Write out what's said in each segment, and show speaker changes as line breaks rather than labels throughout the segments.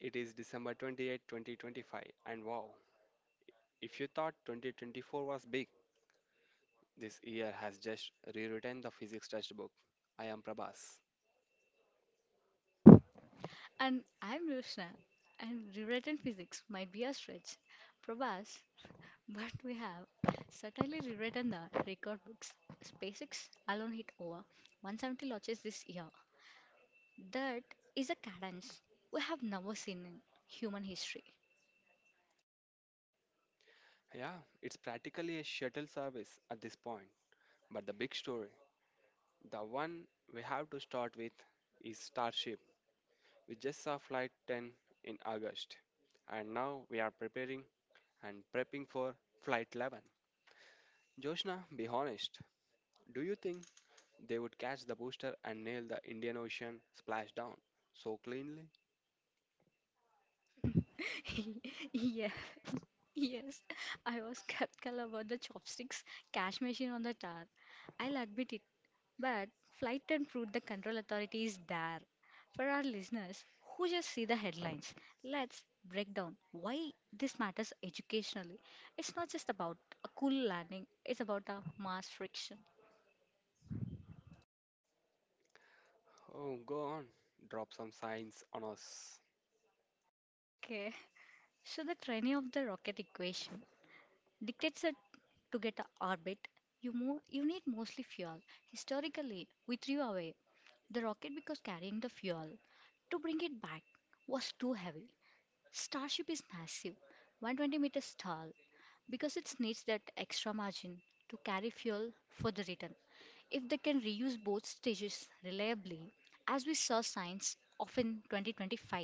It is December 28, 2025, and wow, if you thought 2024 was big, this year has just rewritten the physics textbook. I am Prabhas.
And I'm Roshna, and rewritten physics might be a stretch, perhaps, but we have certainly rewritten the record books. SpaceX alone hit over 170 launches this year. That is a cadence we have never seen in human history.
Yeah, it's practically a shuttle service at this point. But the big story, the one we have to start with, is Starship. We just saw Flight 10 in August, and now we are preparing and prepping for Flight 11. Joshna, be honest. Do you think they would catch the booster and nail the Indian Ocean splashdown so cleanly.
yeah, yes, I was skeptical about the chopsticks cash machine on the tower. I'll admit it. But flight and fruit, the control authority is there. For our listeners who just see the headlines, let's break down why this matters educationally. It's not just about a cool landing, it's about a mass friction.
Oh, go on, drop some signs on us.
Okay, so the training of the rocket equation dictates that to get a orbit, you move, you need mostly fuel. Historically, we threw away the rocket because carrying the fuel to bring it back was too heavy. Starship is massive, 120 meters tall, because it needs that extra margin to carry fuel for the return. If they can reuse both stages reliably, as we saw signs of in 2025,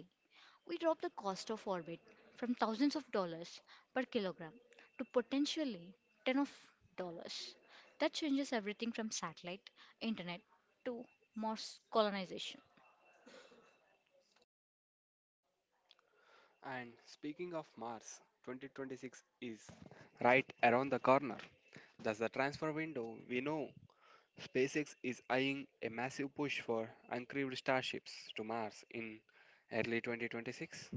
we drop the cost of orbit from thousands of dollars per kilogram to potentially 10 of dollars. That changes everything from satellite, internet to Mars colonization.
And speaking of Mars, 2026 is right around the corner. That's the transfer window. We know SpaceX is eyeing a massive push for uncrewed starships to Mars in early 2026.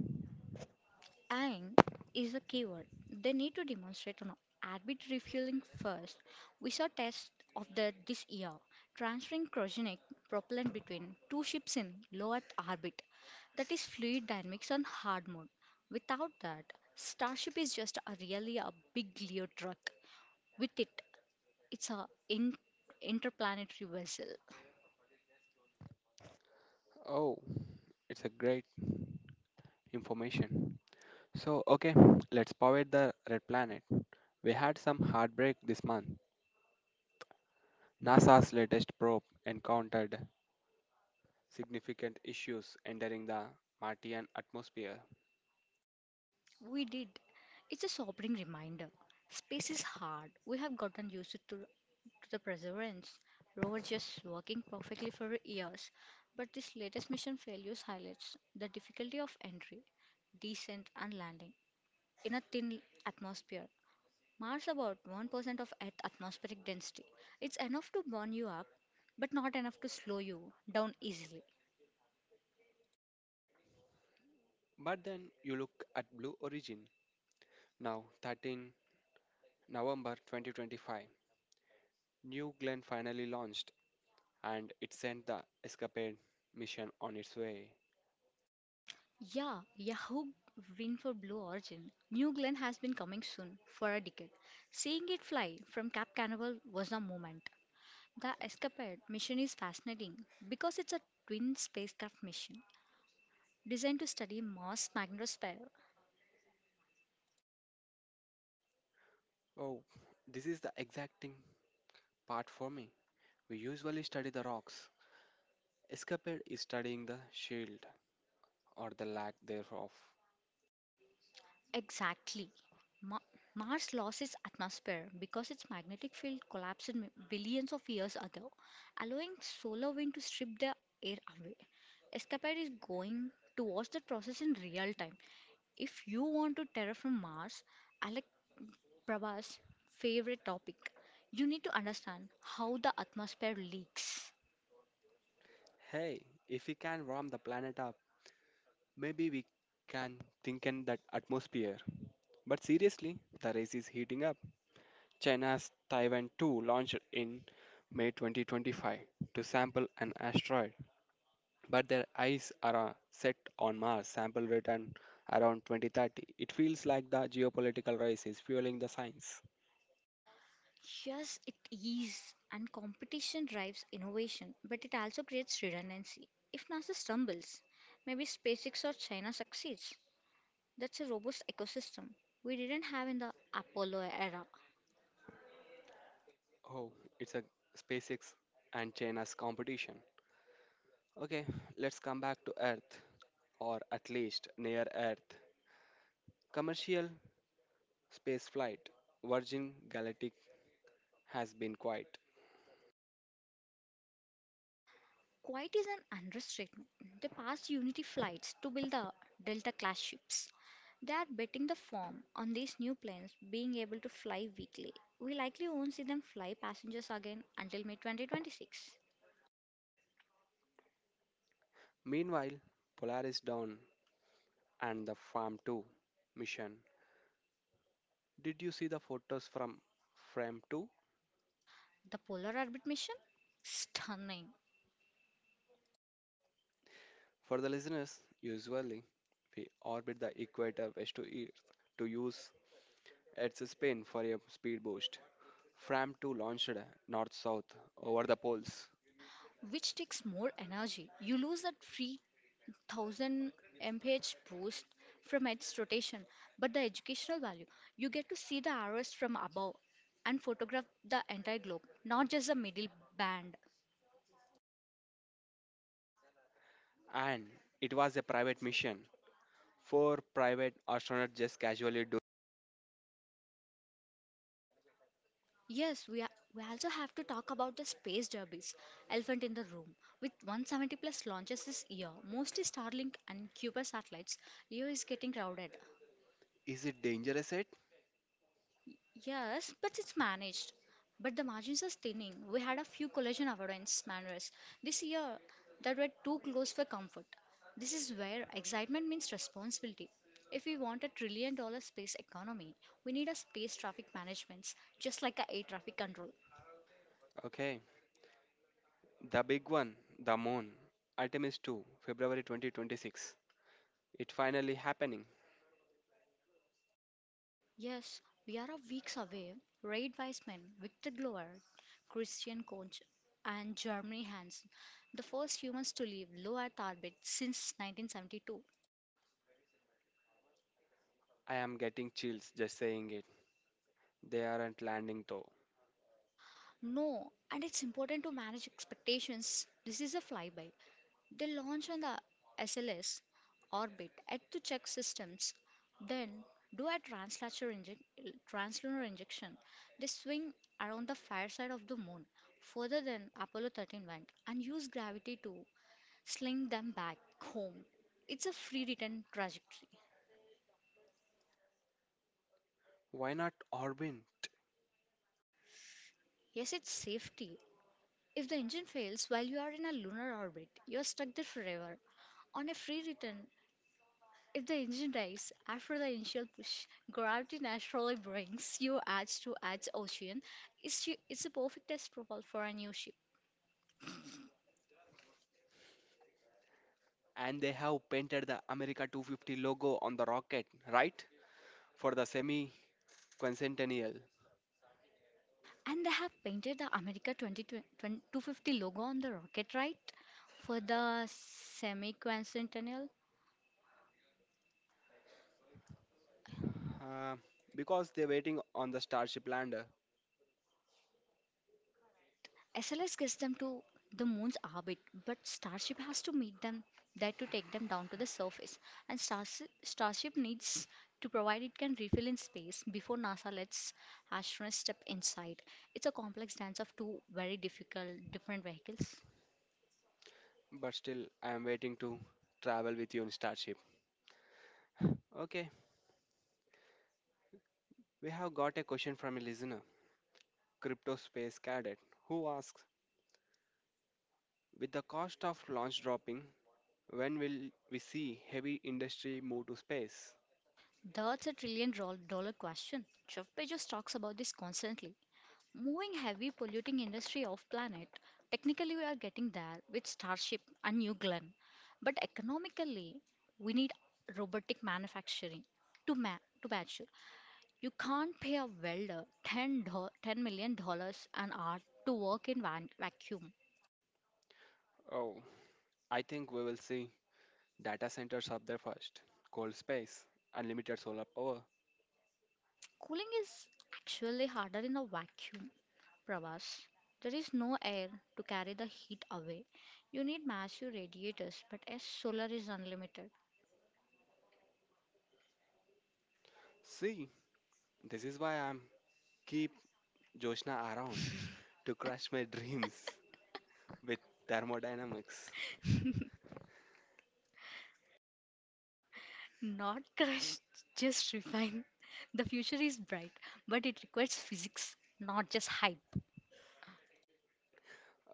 And is a keyword. They need to demonstrate an adequate refueling first. We saw tests of that this year, transferring cryogenic propellant between two ships in low Earth orbit. That is fluid dynamics on hard mode. Without that, Starship is just a really a big Leo truck. With it, it's a interplanetary vessel.
Oh, it's a great information. So, okay, let's power the red planet. We had some heartbreak this month. NASA's latest probe encountered significant issues entering the Martian atmosphere.
We did. It's a sobering reminder. Space is hard. We have gotten used to the perseverance, rover just working perfectly for years. But this latest mission failures highlights the difficulty of entry, descent, and landing in a thin atmosphere. Mars about 1% of Earth atmospheric density. It's enough to burn you up, but not enough to slow you down easily.
But then you look at Blue Origin. Now, 13 November 2025, New Glenn finally launched and it sent the Escapade mission on its way.
Yeah, Yahoo win for Blue Origin. New Glenn has been coming soon for a decade. Seeing it fly from Cap Canaveral was a moment. The Escapade mission is fascinating because it's a twin spacecraft mission designed to study Mars' magnetosphere.
Oh, this is the exacting part for me. We usually study the rocks. Escapade is studying the shield or the lack thereof.
Exactly. Ma- Mars lost its atmosphere because its magnetic field collapsed billions of years ago, allowing solar wind to strip the air away. Escapade is going to watch that process in real time. If you want to terraform Mars, Alec Prabhas' favorite topic, you need to understand how the atmosphere leaks.
Hey, if we can warm the planet up, maybe we can thinken that atmosphere. But seriously, the race is heating up. China's Taiwan 2 launched in May 2025 to sample an asteroid, but their eyes are set on Mars sample return around 2030. It feels like the geopolitical race is fueling the science.
Yes, it is, and competition drives innovation, but it also creates redundancy. If NASA stumbles, maybe SpaceX or China succeeds. That's a robust ecosystem we didn't have in the Apollo era.
Oh, it's a SpaceX and China's competition. Okay, let's come back to Earth, or at least near Earth. Commercial Spaceflight, Virgin Galactic has been quiet.
Quiet is an understatement. They passed Unity flights to build the Delta class ships. They are betting the farm on these new planes being able to fly weekly. We likely won't see them fly passengers again until May 2026.
Meanwhile, Polaris Dawn and the Farm 2 mission. Did you see the photos from Frame 2?
The Polar Orbit mission? Stunning.
For the listeners, usually we orbit the equator west to east to use its spin for a speed boost. Fram 2 launched north south over the poles,
Which takes more energy? You lose that free 1000 mph boost from its rotation, but the educational value you get to see the arrows from above and photograph the entire globe, not just the middle band.
and it was a private mission. Four private astronauts just casually do.
Yes, we, are, we also have to talk about the space derbies, elephant in the room. With 170 plus launches this year, mostly Starlink and Kuiper satellites, LEO is getting crowded.
Is it dangerous? It
Yes, but it's managed. But the margins are thinning. We had a few collision avoidance maneuvers this year that were too close for comfort. This is where excitement means responsibility. If we want a $1 trillion space economy, we need a space traffic management, just like a air traffic control.
okay? The big one, the moon. Artemis 2, February 2026. It finally happening.
Yes, we are a weeks away. Reid Wiseman, Victor Glover, Christian Koch, and Jeremy Hansen, the first humans to leave low Earth orbit since 1972.
I am getting chills just saying it. They aren't landing though.
No, and it's important to manage expectations. This is a flyby. They launch on the SLS orbit at the check systems, then do a translunar injection. They swing around the far side of the moon, further than Apollo 13 went, and use gravity to sling them back home. It's a free return trajectory.
Why not Orbin?
Yes, it's safety. If the engine fails while you are in a lunar orbit, you are stuck there forever. On a free return, if the engine dies after the initial push, gravity naturally brings you edge to edge ocean. It's a perfect test profile for a new ship.
And they have painted the America 250 logo on the rocket, right? For the semi quincentennial.
And they have painted the 250 logo on the rocket, right? For the semi
Uh, because they're waiting on the Starship lander.
SLS gets them to the moon's orbit, but Starship has to meet them there to take them down to the surface. And Starship needs to provide it can refill in space before NASA lets astronauts step inside. It's a complex dance of two very difficult different vehicles.
But still, I am waiting to travel with you in Starship. Okay, we have got a question from a listener, Crypto Space Cadet, who asks, with the cost of launch dropping, when will we see heavy industry move to space?
That's a dollar question. Jeff Bezos talks about this constantly. Moving heavy polluting industry off planet, technically we are getting there with Starship and New Glenn. But economically, we need robotic manufacturing to mature. You can't pay a welder 10 million dollars an hour to work in vacuum.
Oh, I think we will see data centers up there first, cold space, unlimited solar power.
Cooling is actually harder in a vacuum, Pravas. There is no air to carry the heat away. You need massive radiators, but as solar is unlimited.
See, this is why I'm keep Joshna around to crush my dreams with thermodynamics.
Not crushed, just refined. The future is bright, but it requires physics, not just hype.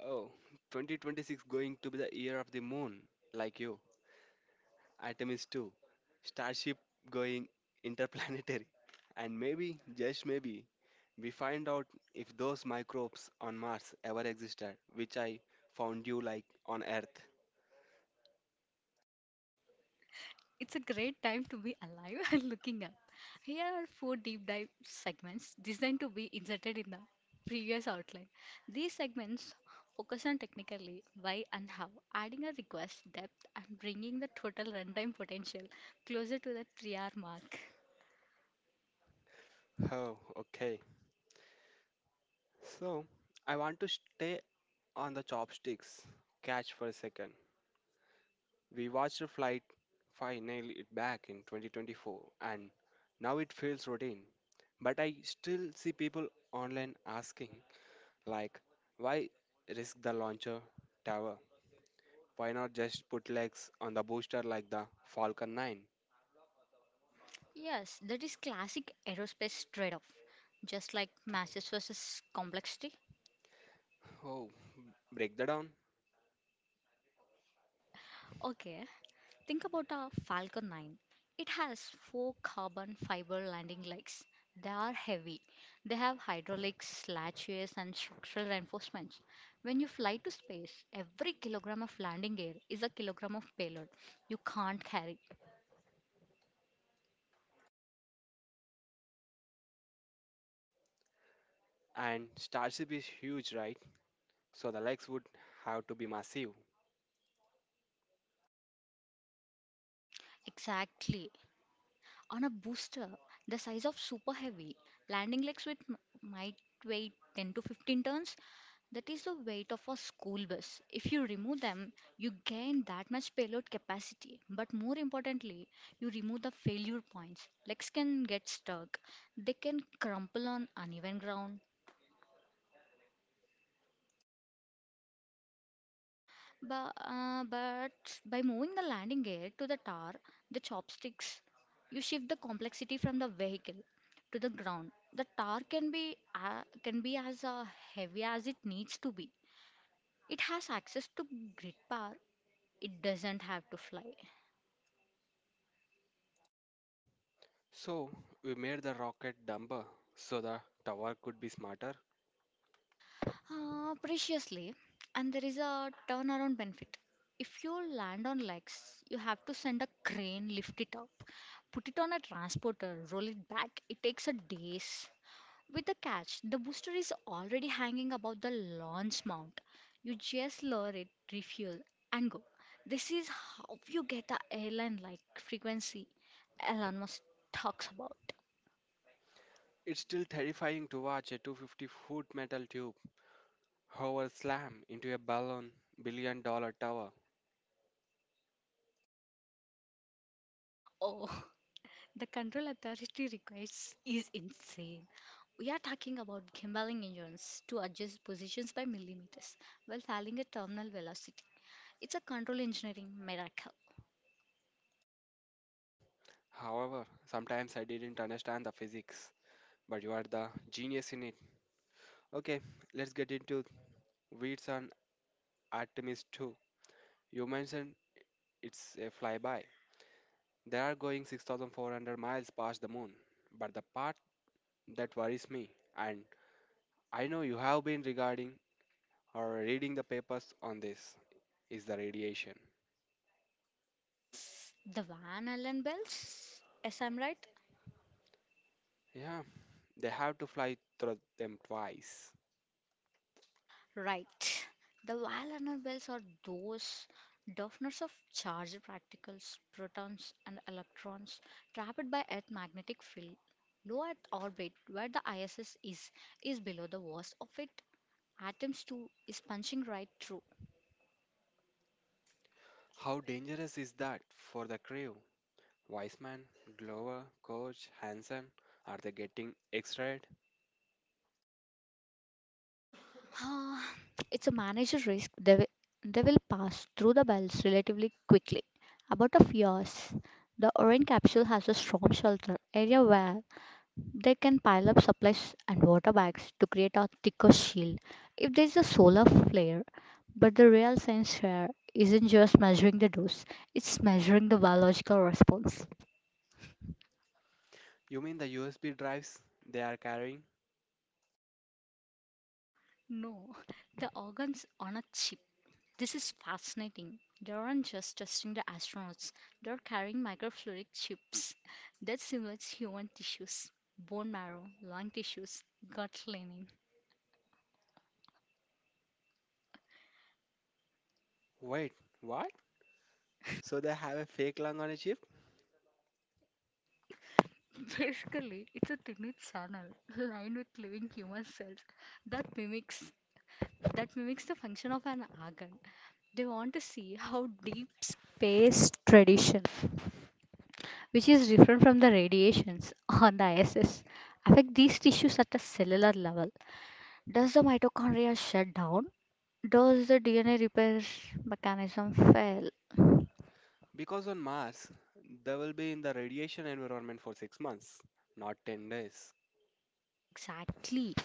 Oh, 2026 going to be the year of the moon, like you. Artemis 2, Starship going interplanetary. And maybe, just maybe, we find out if those microbes on Mars ever existed, which I found you like on Earth.
It's a great time to be alive and looking up. Here are four deep dive segments designed to be inserted in the previous outline. These segments focus on technically why and how, adding a request depth and bringing the total runtime potential closer to the 3-hour mark.
Oh, okay. So, I want to stay on the chopsticks catch for a second. We watched a flight finally it back in 2024 and now it feels routine. But I still see people online asking, like, why risk the launcher tower? Why not just put legs on the booster like the Falcon 9?
Yes, that is classic aerospace trade off. Just like masses versus complexity,
Oh, break that down.
okay, think about a Falcon 9. It has four carbon fiber landing legs. They are heavy. They have hydraulics, latches, and structural reinforcements. When you fly to space, every kilogram of landing gear is a kilogram of payload you can't carry.
And Starship is huge, right? So the legs would have to be massive.
Exactly. On a booster the size of super heavy, landing legs with might weigh 10 to 15 tons. That is the weight of a school bus. If you remove them, you gain that much payload capacity. But more importantly, you remove the failure points. Legs can get stuck, they can crumple on uneven ground, but by moving the landing gear to the tar, the chopsticks, you shift the complexity from the vehicle to the ground. The tar can be as heavy as it needs to be. It has access to grid power. It doesn't have to fly
So we made the rocket dumber so the tower could be smarter.
preciously, and there is a turnaround benefit. If you land on legs, you have to send a crane, lift it up, put it on a transporter, roll it back. It takes a days. With the catch, the booster is already hanging about the launch mount. You just lower it, refuel, and go. This is how you get the airline like frequency Elon Musk talks about.
It's still terrifying to watch a 250-foot metal tube hover slam into a balloon billion dollar tower.
Oh, the control authority requires is insane. We are talking about gimbaling engines to adjust positions by millimeters while failing at terminal velocity. It's a control engineering miracle.
However, sometimes I didn't understand the physics, but you are the genius in it. Okay, let's get into Weeds and Artemis 2. You mentioned it's a flyby. They are going 6,400 miles past the moon. But the part that worries me, and I know you have been regarding or reading the papers on this, is the radiation.
The Van Allen belts? Yes, I'm right.
Yeah, they have to fly through them twice.
Right. The wild nanoballs are those definers of charged particles, protons and electrons, trapped by Earth's magnetic field. Low Earth orbit, where the ISS is below the worst of it. Atoms too is punching right through.
How dangerous is that for the crew? Weissman, Glover, Coach, Hansen, are they getting X-rayed?
Ah, it's a manager risk. They will pass through the bells relatively quickly. About a few hours, the Orion capsule has a storm shelter area where they can pile up supplies and water bags to create a thicker shield if there is a solar flare. But the real science fair isn't just measuring the dose, it's measuring the biological response.
You mean the USB drives they are carrying?
No, the organs on a chip. This is fascinating. They aren't just testing the astronauts, they're carrying microfluidic chips that simulate human tissues, bone marrow, lung tissues, gut lining.
Wait, what? So they have a fake lung on a chip?
Basically, it's a tiny channel lined with living human cells that mimics that mimics the function of an organ. They want to see how deep space tradition, which is different from the radiations on the ISS, affect these tissues at a cellular level. Does the mitochondria shut down? Does the DNA repair mechanism fail?
Because on Mars, they will be in the radiation environment for 6 months, not 10 days.
Exactly.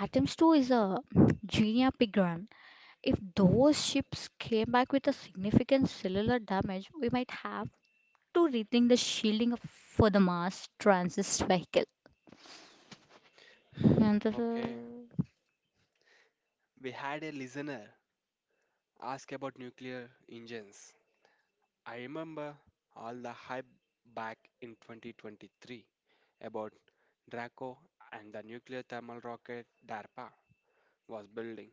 Atoms 2 is a genia pigram. If those ships came back with a significant cellular damage, we might have to rethink the shielding for the Mars transit vehicle. And this is...
Okay. We had a listener ask about nuclear engines. I remember all the hype back in 2023 about Draco and the nuclear thermal rocket DARPA was building.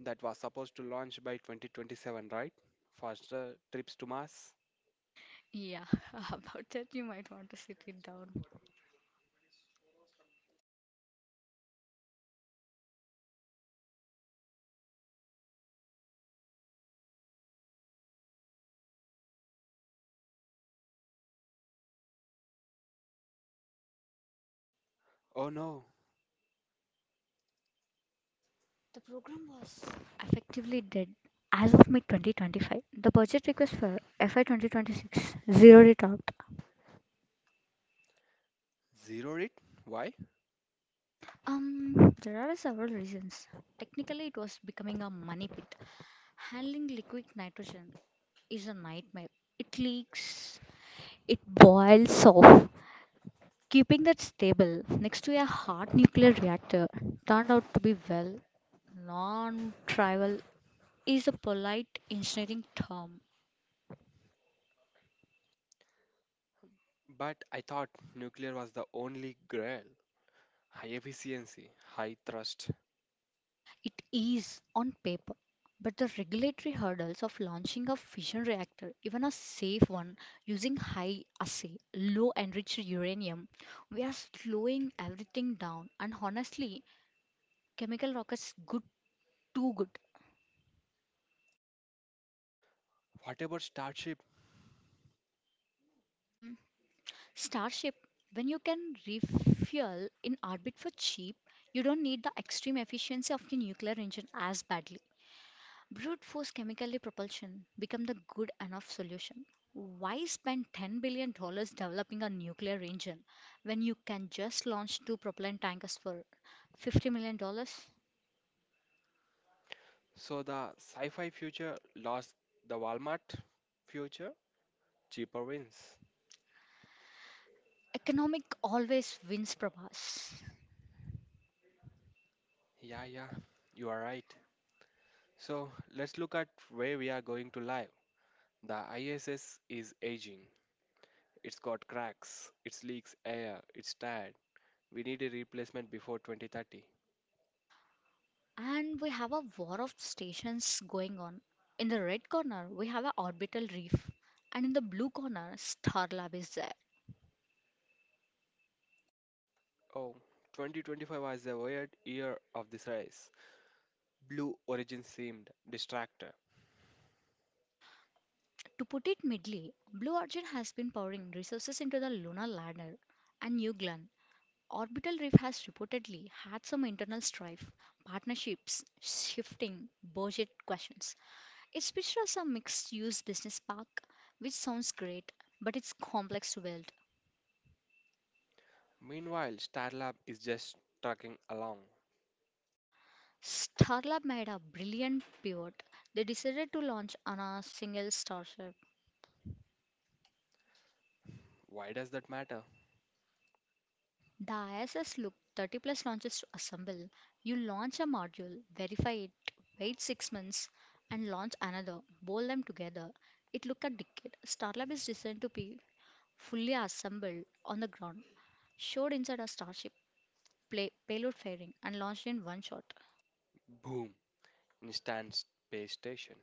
That was supposed to launch by 2027, right? Faster trips to Mars?
Yeah, about that you might want to sit it down.
Oh no,
The program was effectively dead. As of mid 2025, the budget request for FY 2026 zeroed it out.
zeroed it. Why?
There are several reasons. Technically, it was becoming a money pit. Handling liquid nitrogen is a nightmare. It leaks, it boils off. Keeping that stable next to a hot nuclear reactor turned out to be, well, non trivial is a polite engineering term.
But I thought nuclear was the only grail. High efficiency, high thrust.
It is on paper, but the regulatory hurdles of launching a fission reactor, even a safe one using high assay, low enriched uranium, we are slowing everything down. And honestly, chemical rockets good too good.
What about Starship?
Mm, Starship, when you can refuel in orbit for cheap, you don't need the extreme efficiency of the nuclear engine as badly. Brute force chemically propulsion become the good enough solution. Why spend $10 billion dollars developing a nuclear engine when you can just launch two propellant tankers for $50 million dollars?
So the sci fi future lost the Walmart future? Cheaper wins.
Economic always wins, Prabhas.
Yeah, yeah, you are right. So let's look at where we are going to live. The ISS is aging. It's got cracks, it leaks air, it's tired. We need a replacement before 2030.
And we have a war of stations going on. In the red corner, we have a orbital reef, and in the blue corner, Starlab is there.
Oh, 2025 was a weird year of this race. Blue Origin seemed distracted.
To put it mildly, Blue Origin has been pouring resources into the lunar lander and new Glenn Orbital Reef has reportedly had some internal strife, partnerships shifting, budget questions. It's pitched as a mixed use business park, which sounds great, but it's complex to build.
Meanwhile, Starlab is just trucking along.
Starlab made a brilliant pivot. They decided to launch on a single starship.
Why does that matter?
The ISS looked 30 plus launches to assemble. You launch a module, verify it, wait 6 months, and launch another. Bowl them together. It looked a decade. Starlab is designed to be fully assembled on the ground, showed inside a starship, play, payload fairing, and launched in one shot.
Boom! Instant space station.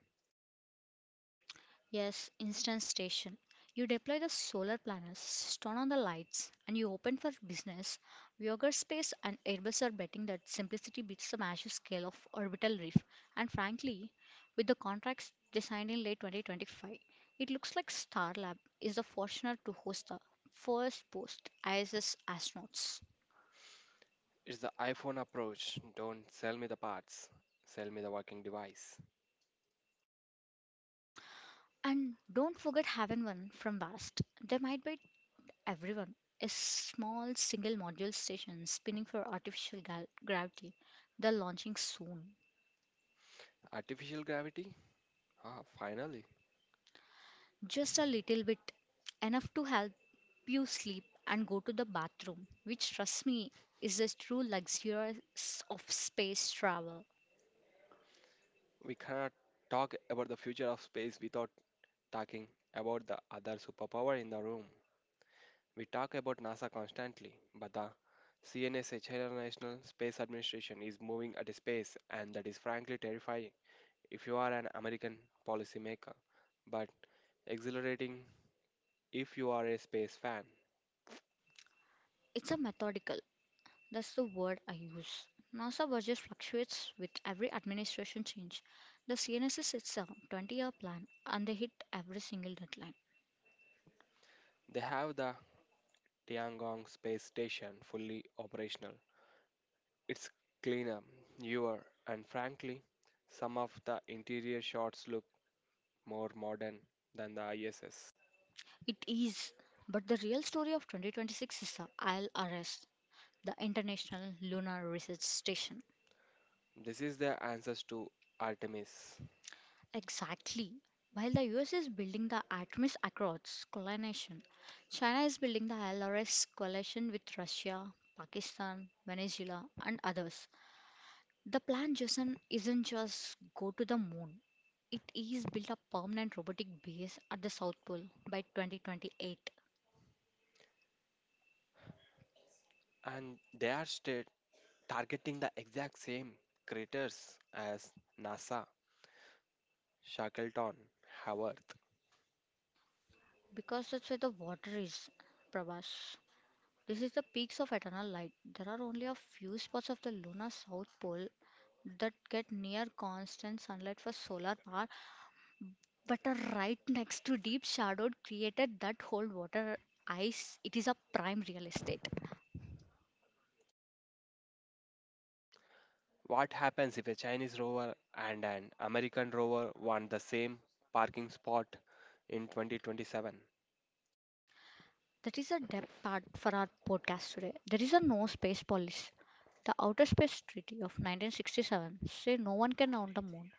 Yes, instant station. You deploy the solar panels, turn on the lights, and you open for business. Voyager Space and Airbus are betting that simplicity beats the massive scale of orbital reef. And frankly, with the contracts they signed in late 2025, it looks like Starlab is the fortunate to host the first post ISS astronauts.
It's the iPhone approach. Don't sell me the parts. Sell me the working device.
And don't forget having one from Vast. They might be everyone. A small single module station spinning for artificial gravity. They're launching soon.
Artificial gravity? Ah, finally.
Just a little bit, enough to help you sleep and go to the bathroom, which, trust me, is the true luxurious of space travel.
We cannot talk about the future of space without talking about the other superpower in the room. We talk about NASA constantly, but the CNS National Space Administration is moving at a space, and that is frankly terrifying if you are an American policymaker, but exhilarating if you are a space fan.
It's a methodical, that's the word I use. NASA budget fluctuates with every administration change. The CNSS sets a 20-year plan and they hit every single deadline.
They have the Tiangong Space Station fully operational. It's cleaner, newer, and frankly, some of the interior shots look more modern than the ISS.
It is, but the real story of 2026 is the ILRS, the International Lunar Research Station.
This is the answers to Artemis,
Exactly. While the US is building the Artemis Accords coalition, China is building the ILRS coalition with Russia, Pakistan, Venezuela, and others. The plan, Jason, isn't just go to the moon. It is build a permanent robotic base at the South Pole by 2028,
and they are sta targeting the exact same craters as NASA Shackleton have Earth.
because that's where the water is, Prabhas. This is the peaks of eternal light. There are only a few spots of the lunar South Pole that get near constant sunlight for solar power, but are right next to deep shadowed created that hold water ice. It is a prime real estate.
What happens if a Chinese rover and an American rover want the same parking spot in 2027?
That is the depth part for our podcast today. There is a no space policy. The Outer Space Treaty of 1967 say no one can own the moon,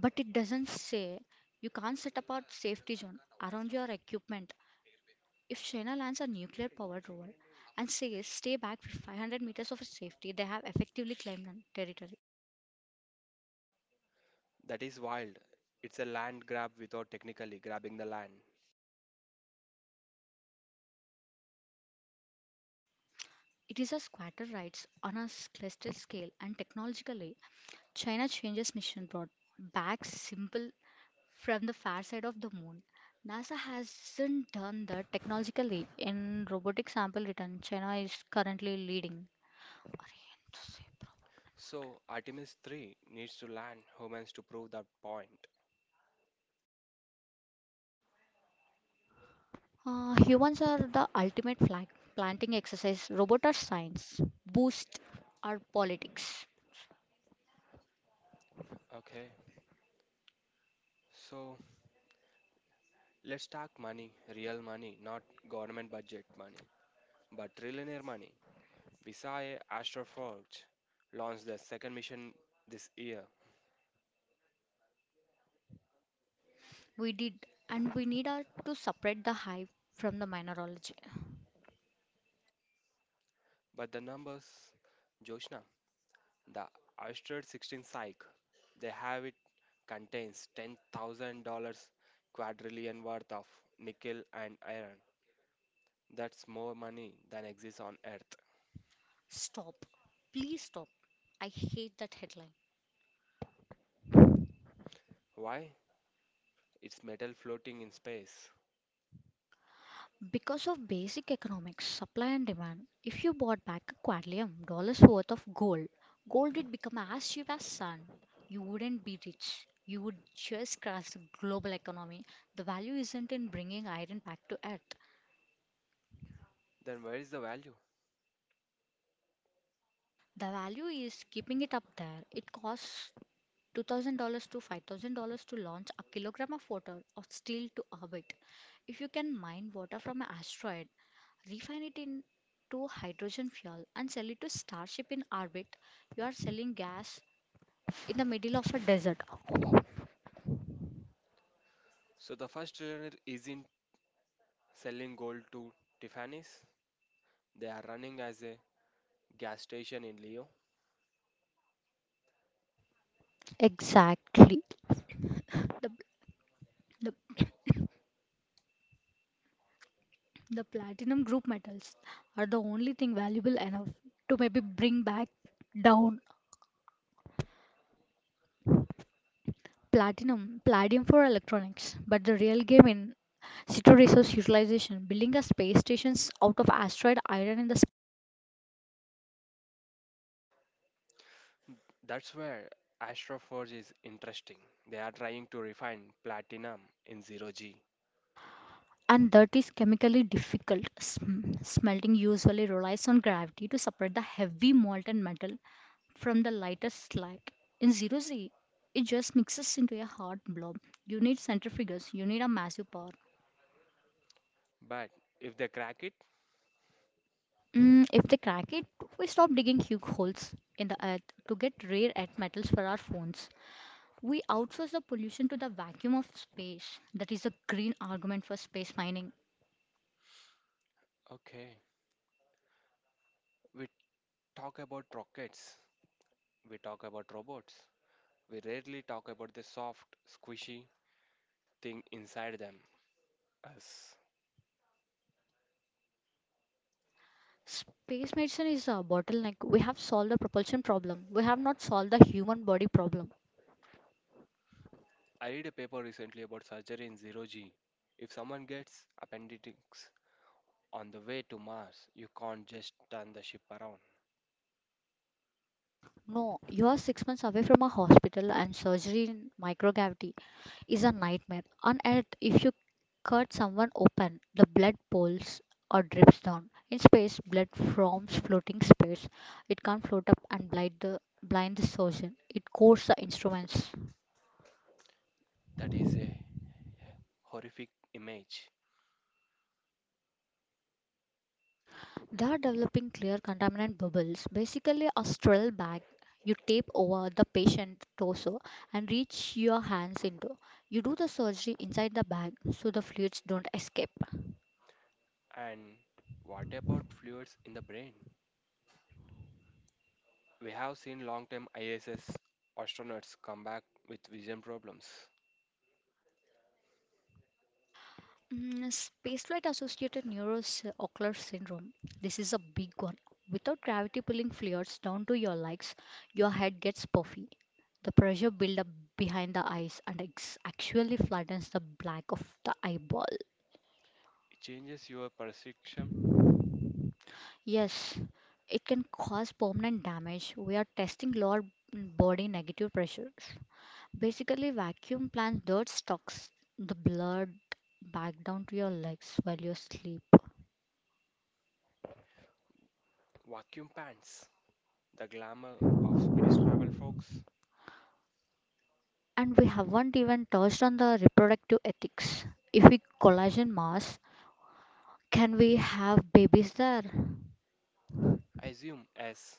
but it doesn't say you can't set up a safety zone around your equipment. If China lands a nuclear-powered rover and says stay back for 500 meters of safety, they have effectively claimed an territory.
That is wild. It's a land grab without technically grabbing the land.
It is a squatter rights on a celestial scale, and technologically, China changes mission brought back simple from the far side of the moon. NASA hasn't done that technologically. In robotic sample return, China is currently leading.
So Artemis 3 needs to land humans to prove that point.
Humans are the ultimate flag planting exercise. Robots are science. Boost our politics.
Okay, so let's talk money, real money, not government budget money, but trillionaire money. Visaya Astroforge launched their second mission this year,
We did, and we need our, to separate the hype from the mineralogy.
but the numbers, Joshna, the asteroid 16 Psyche, they have it contains $10,000 quadrillion worth of nickel and iron. That's more money than exists on Earth.
Stop. Please stop. I hate that headline.
Why? It's metal floating in space.
Because of basic economics, supply and demand, if you bought back a quadrillion dollars worth of gold, gold would become as cheap as sun. You wouldn't be rich. You would just crash the global economy. The value isn't in bringing iron back to earth.
Then where is the value?
The value is keeping it up there. It costs $2,000 to $5,000 to launch a kilogram of water or steel to orbit. If you can mine water from an asteroid, refine it into hydrogen fuel, and sell it to Starship in orbit, you are selling gas in the middle of a desert.
So the first trillionaire isn't selling gold to Tiffany's. They are running as a gas station in Leo.
Exactly. The, the, the platinum group metals are the only thing valuable enough to maybe bring back down platinum, palladium for electronics. But the real game in Situ resource utilization building a space station out of asteroid iron and the
That's where Astroforge is interesting. They are trying to refine platinum in 0G.
and that is chemically difficult. Smelting usually relies on gravity to separate the heavy molten metal from the lighter slag. In zero Z, it just mixes into a hard blob. You need centrifuges, you need a massive power.
But if they crack it,
If they crack it, we stop digging huge holes in the earth to get rare earth metals for our phones. We outsource the pollution to the vacuum of space. That is a green argument for space mining.
okay. We talk about rockets, we talk about robots. We rarely talk about the soft, squishy thing inside them. Us.
Space medicine is a bottleneck. We have solved the propulsion problem. We have not solved the human body problem.
I read a paper recently about surgery in 0G. If someone gets appendix on the way to Mars, you can't just turn the ship around.
No, you are 6 months away from a hospital, and surgery in microgravity is a nightmare. On Earth, if you cut someone open, the blood pools or drips down. In space, blood forms floating space. It can't float up and blind the surgeon. It coats the instruments.
That is a horrific image.
They are developing clear contaminant bubbles, basically a sterile bag you tape over the patient torso and reach your hands into. You do the surgery inside the bag so the fluids don't escape.
And what about fluids in the brain? We have seen long term ISS astronauts come back with vision problems.
Spaceflight associated neuroocular syndrome. This is a big one. Without gravity pulling fluids down to your legs, your head gets puffy. The pressure build up behind the eyes and actually flattens the black of the eyeball.
It changes your perception.
Yes, it can cause permanent damage. We are testing lower body negative pressures. Basically, vacuum plants dirt stocks the blood back down to your legs while you sleep.
Vacuum pants, the glamour of space travel, folks.
And we haven't even touched on the reproductive ethics. If we collagen mass, can we have babies there?
Assume as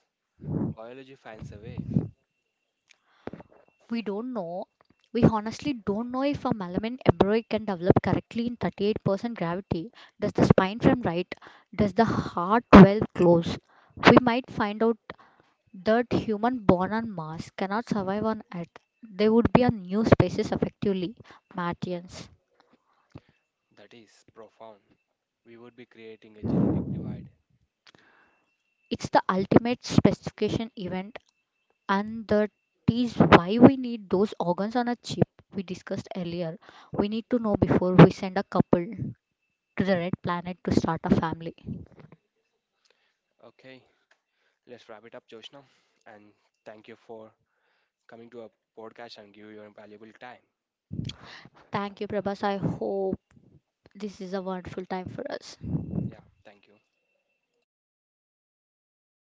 biology finds a way
We don't know. We honestly don't know if a malamine embryo can develop correctly in 38% gravity. Does the spine frame right? Does the heart well close? We might find out that human born on Mars cannot survive on Earth. They would be a new species effectively, Martians.
that is profound, we would be creating a genetic divide.
It's the ultimate specification event, and that is why we need those organs on a chip we discussed earlier. We need to know before we send a couple to the red planet to start a family.
Okay, let's wrap it up, Joshna. And thank you for coming to our podcast and give your valuable time.
Thank you, Prabhas. I hope this is a wonderful time for us.
Yeah, thank you.